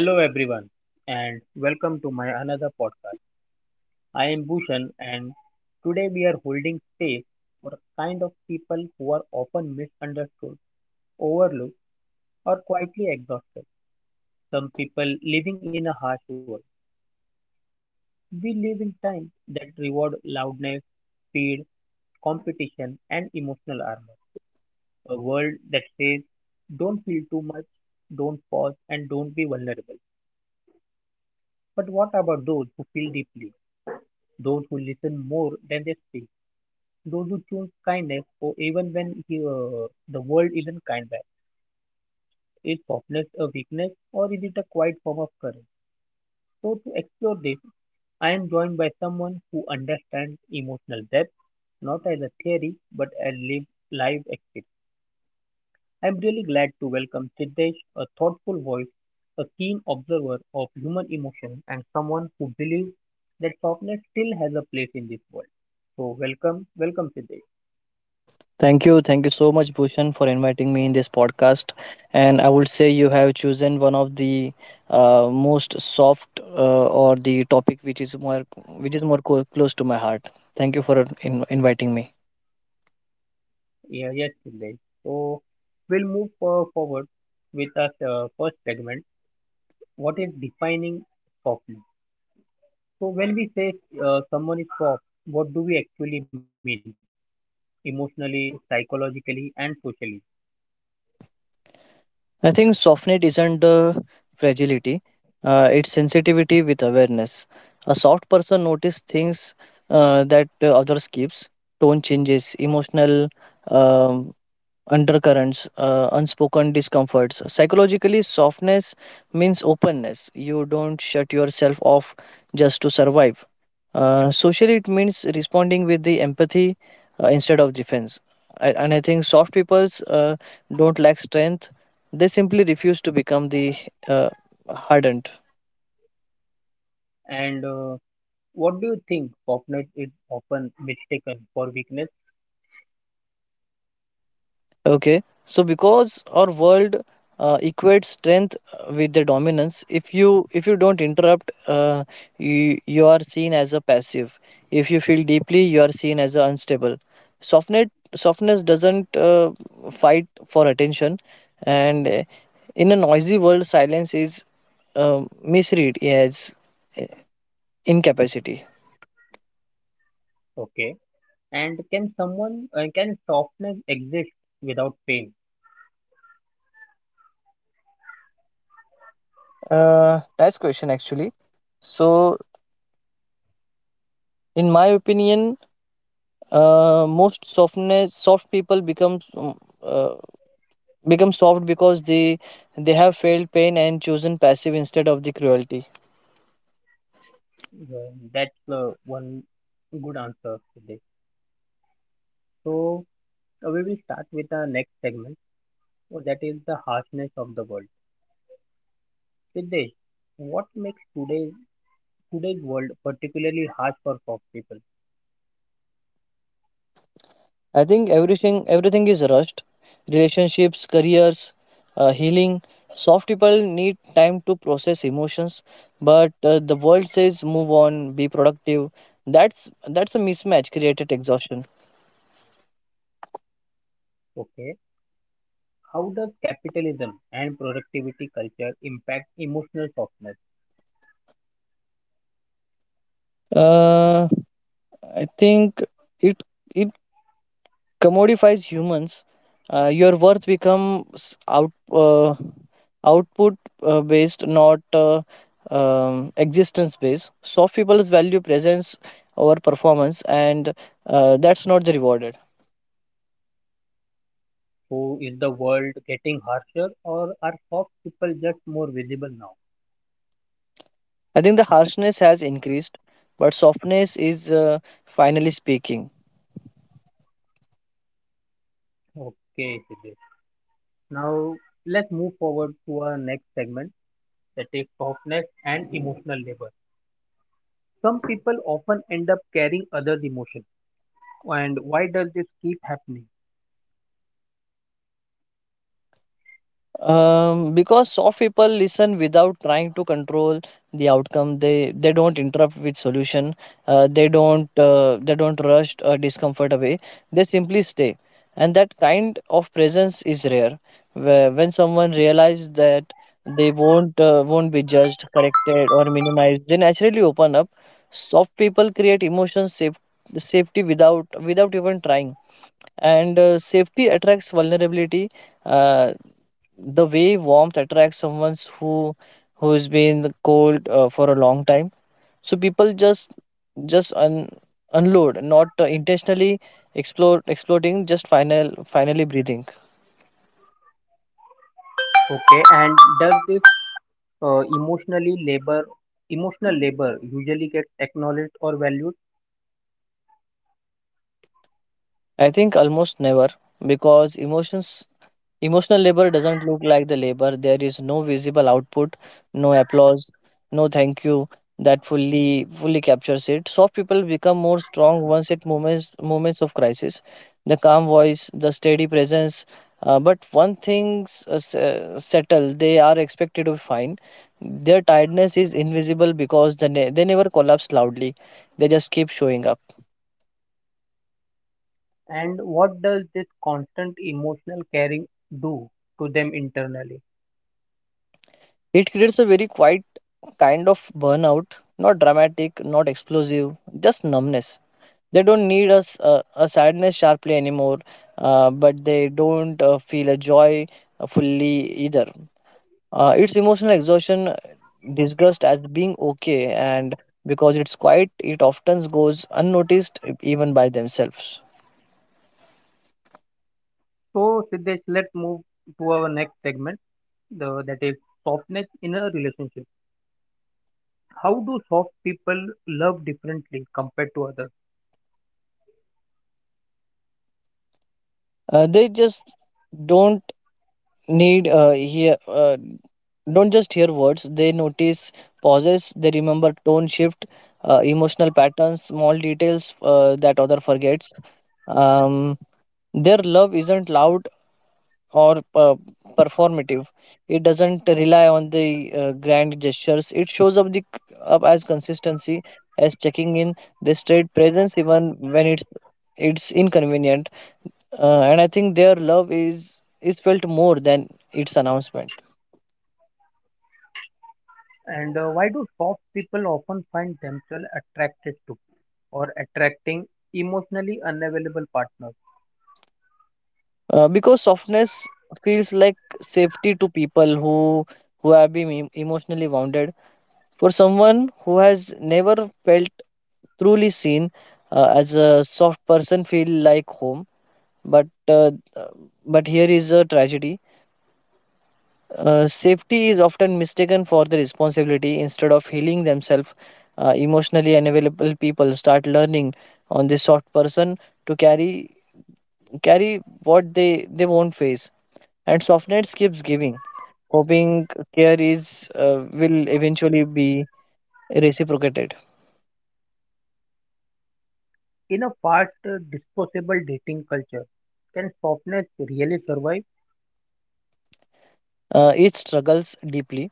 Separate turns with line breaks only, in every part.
Hello everyone and welcome to my another podcast. I am Bhushan and today we are holding space for a kind of people who are often misunderstood, overlooked or quietly exhausted. Some people living in a harsh world. We live in times that reward loudness, speed, competition and emotional armor. A world that says don't feel too much, don't pause and don't be vulnerable. But what about those who feel deeply? Those who listen more than they speak, those who choose kindness, or even when the world isn't kind back. Is softness a weakness, or is it a quiet form of courage? So, to explore this, I am joined by someone who understands emotional depth, not as a theory, but as live experience. I'm really glad to welcome Siddesh, a thoughtful voice, a keen observer of human emotion, and someone who believes that softness still has a place in this world. So, welcome, Siddesh.
Thank you. Thank you so much, Bhushan, for inviting me in this podcast. And I would say you have chosen one of the most soft or the topic which is more co- close to my heart. Thank you for inviting me.
Yeah, yes, Siddesh. So we'll forward with our first segment. What is defining softness? So when we say someone is soft, what do we actually mean emotionally, psychologically, and socially?
I think softness isn't fragility; it's sensitivity with awareness. A soft person notices things that others keeps. Tone changes, emotional um undercurrents, unspoken discomforts. Psychologically, softness means openness. You don't shut yourself off just to survive. Socially, it means responding with the empathy instead of defense. And I think soft peoples don't lack strength. They simply refuse to become the uh, hardened.
And what do you think softness is often mistaken for weakness?
Okay, so because our world equates strength with the dominance. If you don't interrupt, you are seen as a passive. If you feel deeply, you are seen as a unstable. Softness softness doesn't fight for attention, and in a noisy world, silence is misread as uh, incapacity.
Okay. And can someone can softness exist without pain?
Nice question actually. So, in my opinion, most softness soft people uh, become soft because they have felt pain and chosen passive instead of the cruelty.
That's one good answer, Siddesh. So we will start with our next segment. Oh, that is the harshness of the world. Siddesh, what makes today's world particularly harsh for pop people?
I think everything is rushed, relationships, careers, healing. Soft people need time to process emotions, but the world says move on, be productive. That's that's a mismatch created exhaustion.
Okay, how does capitalism and productivity culture impact emotional softness?
Uh, i think it it commodifies humans, your worth becomes output based, not existence based. Soft people value presence over performance, and that's not the rewarded.
So, is the world getting harsher, or are soft people just more visible now?
I think the harshness has increased, but softness is finally speaking.
Okay, Siddesh. Now let's move forward to our next segment, that is softness and emotional labor. Some people often end up carrying others' emotions, and why does this keep happening?
Because soft people listen without trying to control the outcome. They don't interrupt with solution, they don't rush discomfort away, they simply stay, and that kind of presence is rare. When someone realizes that they won't be judged, corrected or minimized, they naturally open up. Soft people create safety without even trying, and safety attracts vulnerability, Uh, the way warmth attracts someone who's been cold for a long time. So people just unload, not intentionally explode exploding, just finally breathing.
Okay, and does this uh, emotionally labor, emotional labor usually get acknowledged or valued?
I think almost never, because emotions emotional labor doesn't look like the labor. There is no visible output, no applause, no thank you that fully captures it. Soft people become more strong once at moments of crisis. The calm voice, the steady presence. But one things settle, they are expected to find. Their tiredness is invisible because they never collapse loudly. They just keep showing up.
And what does this constant emotional caring do to them internally?
It creates a very quiet kind of burnout, not dramatic, not explosive, just numbness. They don't need a sadness sharply anymore, but they don't feel a joy fully either. It's emotional exhaustion disguised as being okay, and because it's quiet, it often goes unnoticed even by themselves.
So, Siddesh, let's move to our next segment, that is softness in a relationship. How do soft people love differently compared to others?
They just don't need uh, hear uh, don't just hear words. They notice pauses, they remember tone shift, emotional patterns, small details that other forgets. um, their love isn't loud or performative. It doesn't rely on the grand gestures. It shows up the up as consistency, as checking in. They stayed presence even when it's inconvenient, and I think their love is felt more than its announcement.
And why do soft people often find themselves attracted to or attracting emotionally unavailable partners?
Because softness feels like safety to people who have been emotionally wounded. For someone who has never felt truly seen, as a soft person feel like home. But uh, but here is a tragedy. Safety is often mistaken for the responsibility. Instead of healing themselves, emotionally unavailable people start learning on the soft person to carry what they won't face. And softness keeps giving, hoping care is will eventually be reciprocated.
In a fast, disposable dating culture, can softness really survive?
It struggles deeply.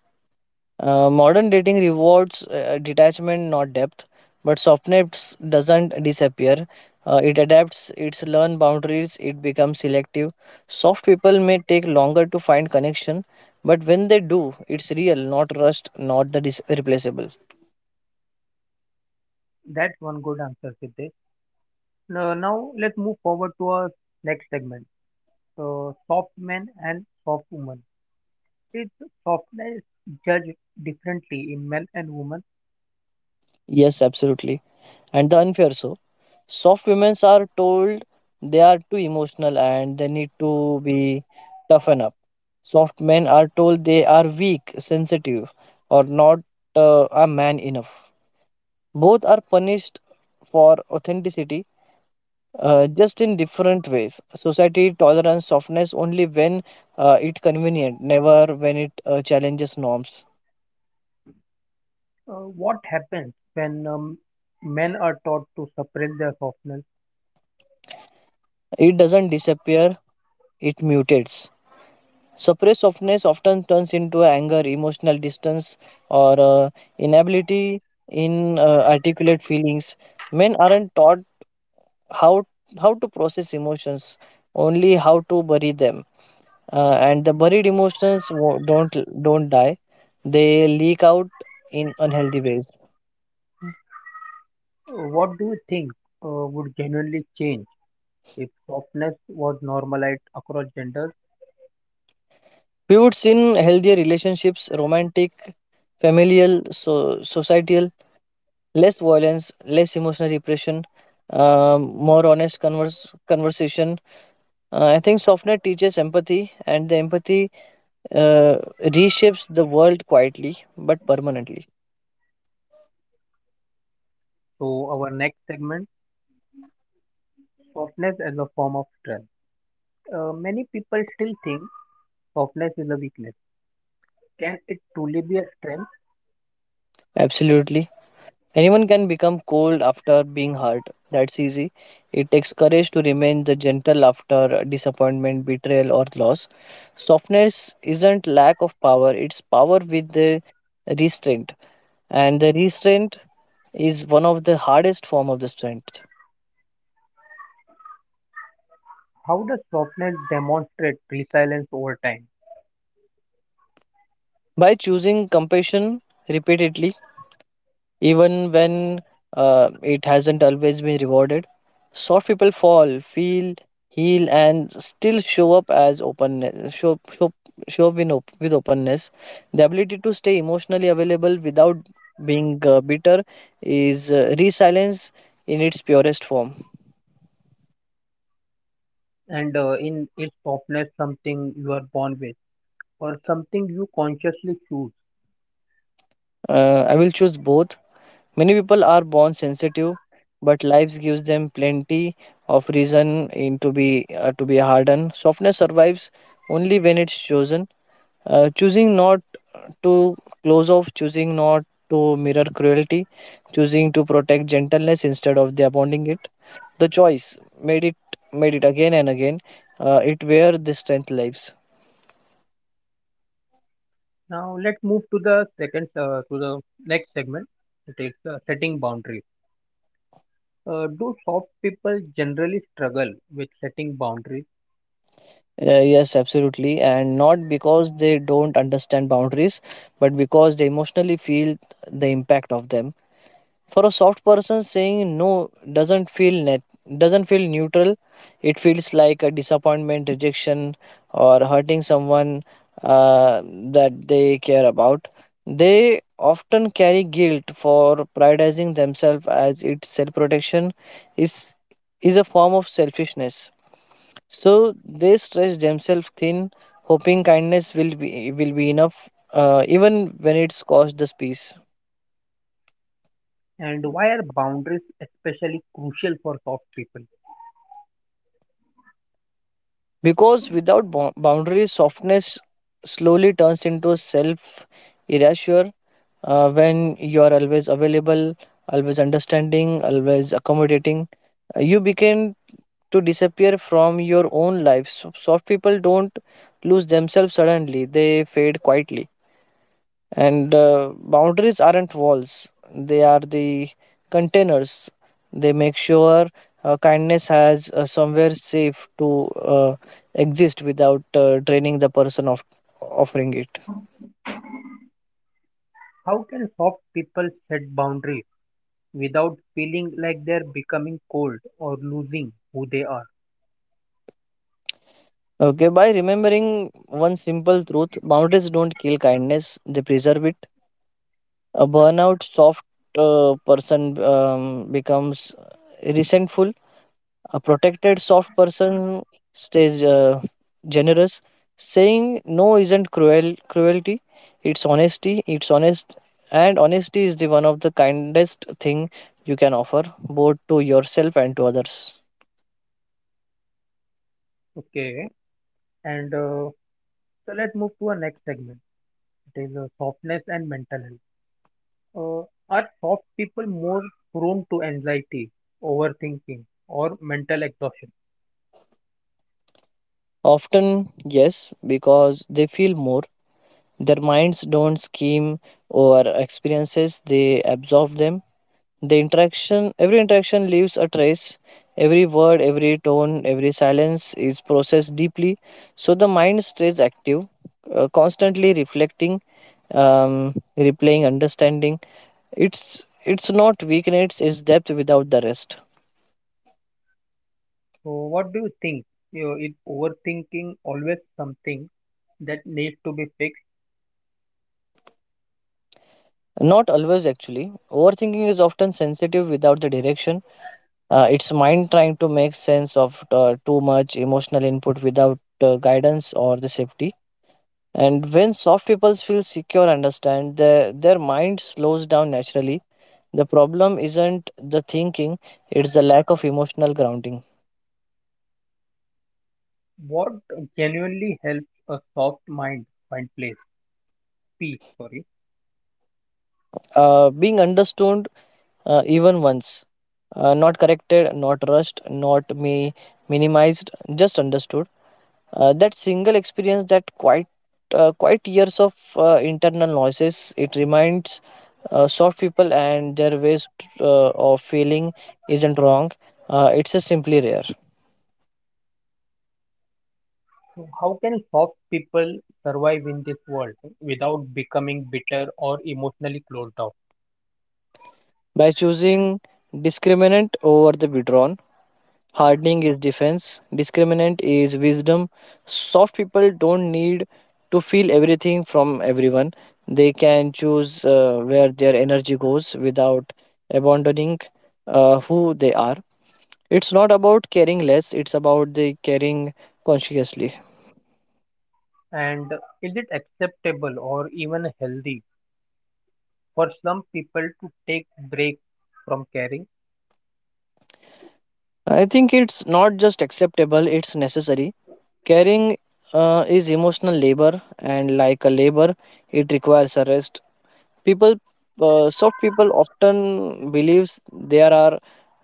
Modern dating rewards detachment, not depth. But softness doesn't disappear. It adapts. It's learn boundaries. It becomes selective. Soft people may take longer to find connection, but when they do, it's real, not rushed, not the replaceable.
That's one good answer, Siddesh. Now let's move forward to our next segment: soft men and soft women. Is softness judged differently in men and women?
Yes, absolutely. And the unfair, so soft women are told they are too emotional and they need to be toughen up. Soft men are told they are weak, sensitive, or not a man enough. Both are punished for authenticity, just in different ways. Society tolerance softness only when it convenient, never when it challenges norms.
What happens when men are taught to suppress their softness?
It doesn't disappear, it mutates. Suppressed softness often turns into anger, emotional distance, or inability in articulate feelings. Men aren't taught how how to process emotions, only how to bury them. And the buried emotions don't die; they leak out in unhealthy ways.
What do you think would genuinely change if softness was normalized across genders?
We would see in healthier relationships, romantic, familial, so societal, less violence, less emotional repression, more honest converse conversation. I think SoftNet teaches empathy, and the empathy uh, reshapes the world quietly but permanently.
So, our next segment. Softness as a form of strength. Many people still think softness is a weakness. Can it truly be a strength?
Absolutely. Anyone can become cold after being hurt. That's easy. It takes courage to remain the gentle after disappointment, betrayal, or loss. Softness isn't lack of power, it's power with the restraint. And the restraint is one of the hardest form of the strength.
How does softness demonstrate resilience over time?
By choosing compassion repeatedly, even when it hasn't always been rewarded. Soft people fall, feel, heal, and still show up as openness. Show up in with openness. The ability to stay emotionally available without being bitter is resilience in its purest form.
And in is softness something you are born with, or something you consciously choose?
I will choose both. Many people are born sensitive, but life gives them plenty of reason in to be hardened. Softness survives only when it's chosen. Choosing not to close off, choosing not to mirror cruelty, choosing to protect gentleness instead of the abounding it. The choice made it again and again. It where the strength lives.
Now let's move to the second to the next segment. It is setting boundaries. Do soft people generally struggle with setting boundaries?
Yes, absolutely, and not because they don't understand boundaries, but because they emotionally feel the impact of them. For a soft person, saying no doesn't feel net doesn't feel neutral, it feels like a disappointment, rejection, or hurting someone uh, that they care about. They often carry guilt for prioritizing themselves as its self protection is is a form of selfishness. So they stretch themselves thin, hoping kindness will be enough, even when it's cost the peace.
And why are boundaries especially crucial for soft people?
Because without boundaries, softness slowly turns into self erasure. When you are always available, always understanding, always accommodating, you begin to disappear from your own life. So soft people don't lose themselves suddenly, they fade quietly. And boundaries aren't walls, they are the containers. They make sure kindness has somewhere safe to exist without draining the person of offering it.
How can soft people set boundaries without feeling like they're becoming cold or losing who they are?
Okay, by remembering one simple truth: boundaries don't kill kindness, they preserve it. A burnout soft person becomes resentful. A protected, soft person stays generous. Saying no isn't cruelty. It's honesty. It's honest, and honesty is the one of the kindest thing you can offer, both to yourself and to others.
Okay, and so let's move to our next segment. It is softness and mental health. Are soft people more prone to anxiety, overthinking, or mental exhaustion?
Often, yes, because they feel more. Their minds don't scheme over experiences; they absorb them. The interaction, every interaction leaves a trace. Every word, every tone, every silence is processed deeply. So the mind stays active, constantly reflecting, replaying, understanding. It's not weakness; it's depth without the rest.
So, what do you think? You know, is overthinking always something that needs to be fixed?
Not always, actually. Overthinking is often sensitive without the direction. It's mind trying to make sense of too much emotional input without guidance or the safety. And when soft people feel secure, understand, their mind slows down naturally. The problem isn't the thinking, it's the lack of emotional grounding.
What genuinely helps a soft mind peace? Sorry.
Being understood even once, not corrected, not rushed, not me minimized, just understood. That single experience, that quite quite years of internal noises, it reminds soft people and their ways of feeling isn't wrong. It's a simply rare.
So how can soft people survive in this world without becoming bitter or emotionally closed off?
By choosing discriminant over the withdrawn, hardening is defense, discriminant is wisdom. Soft people don't need to feel everything from everyone. They can choose where their energy goes without abandoning who they are. It's not about caring less, it's about the caring consciously.
And is it acceptable or even healthy for some people to take break from caring?
I think it's not just acceptable, it's necessary. Caring is emotional labor, and like a labor, it requires a rest. People, soft people, often believes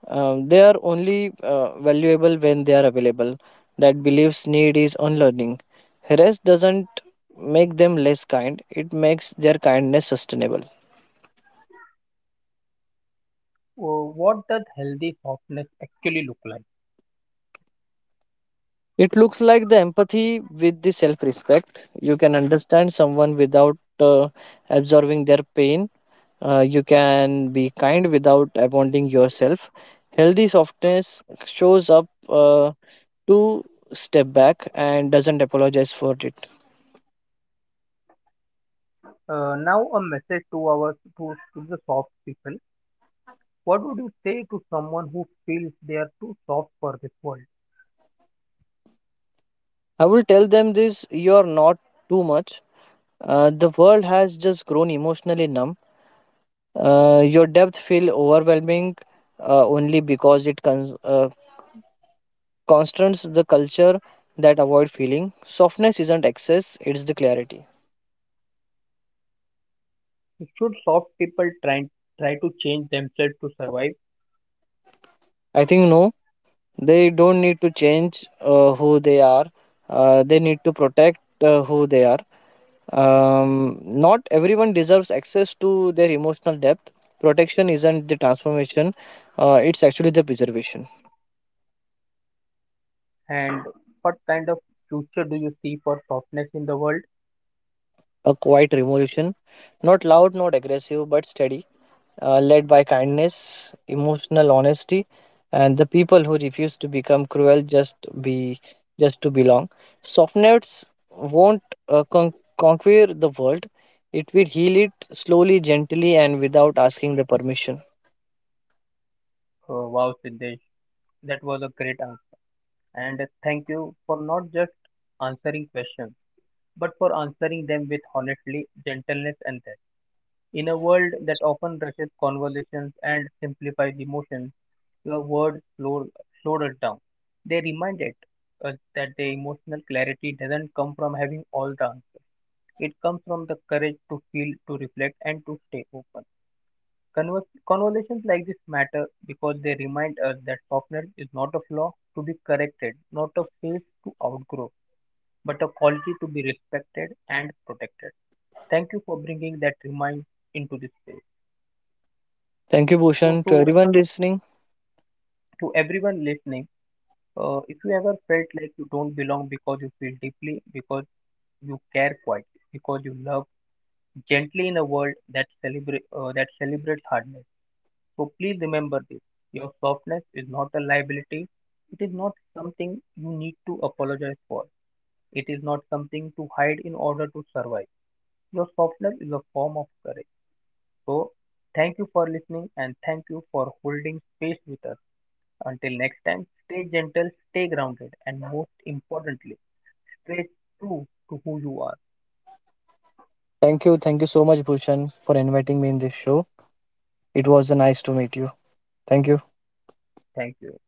they are only valuable when they are available. That beliefs need is unlearning. Rest doesn't make them less kind; it makes their kindness sustainable.
What does healthy softness actually look like?
It looks like the empathy with the self-respect. You can understand someone without absorbing their pain. You can be kind without abandoning yourself. Healthy softness shows up to step back and doesn't apologize for it.
Now a message to to the soft people. What would you say to someone who feels they are too soft for this world?
I will tell them this: you're not too much. The world has just grown emotionally numb. Your depth feel overwhelming only because it constrains the culture that avoid feeling. Softness isn't excess, it's the clarity.
Should soft people try to change themselves to survive?
I think no, they don't need to change who they are, they need to protect who they are. Not everyone deserves access to their emotional depth. Protection isn't the transformation, it's actually the preservation.
And what kind of future do you see for softness in the world?
A quiet revolution, not loud, not aggressive, but steady, led by kindness, emotional honesty, and the people who refuse to become cruel just to belong. Softnets won't uh, con- conquer the world; it will heal it slowly, gently, and without asking the permission.
Oh, wow, Siddesh, that was a great answer. And thank you for not just answering questions, but for answering them with honestly, gentleness, and depth. In a world that often rushes conversations and simplifies emotions, your words slowed us down. They reminded us that the emotional clarity doesn't come from having all the answers. It comes from the courage to feel, to reflect, and to stay open. Conversations like this matter because they remind us that softness is not a flaw to be corrected, not a phase to outgrow, but a quality to be respected and protected. Thank you for bringing that remind into this space.
Thank you,
So,
Bhushan, to everyone listening.
to everyone listening, if you ever felt like you don't belong because you feel deeply, because you care quietly, because you love gently in a world that celebrates hardness. So please remember this. Your softness is not a liability. It is not something you need to apologize for. It is not something to hide in order to survive. Your softness is a form of courage. So thank you for listening and thank you for holding space with us. Until next time, stay gentle, stay grounded, and most importantly, stay true to who you are.
Thank you so much, Bhushan, for inviting me in this show. It was nice to meet you. Thank you.
Thank you.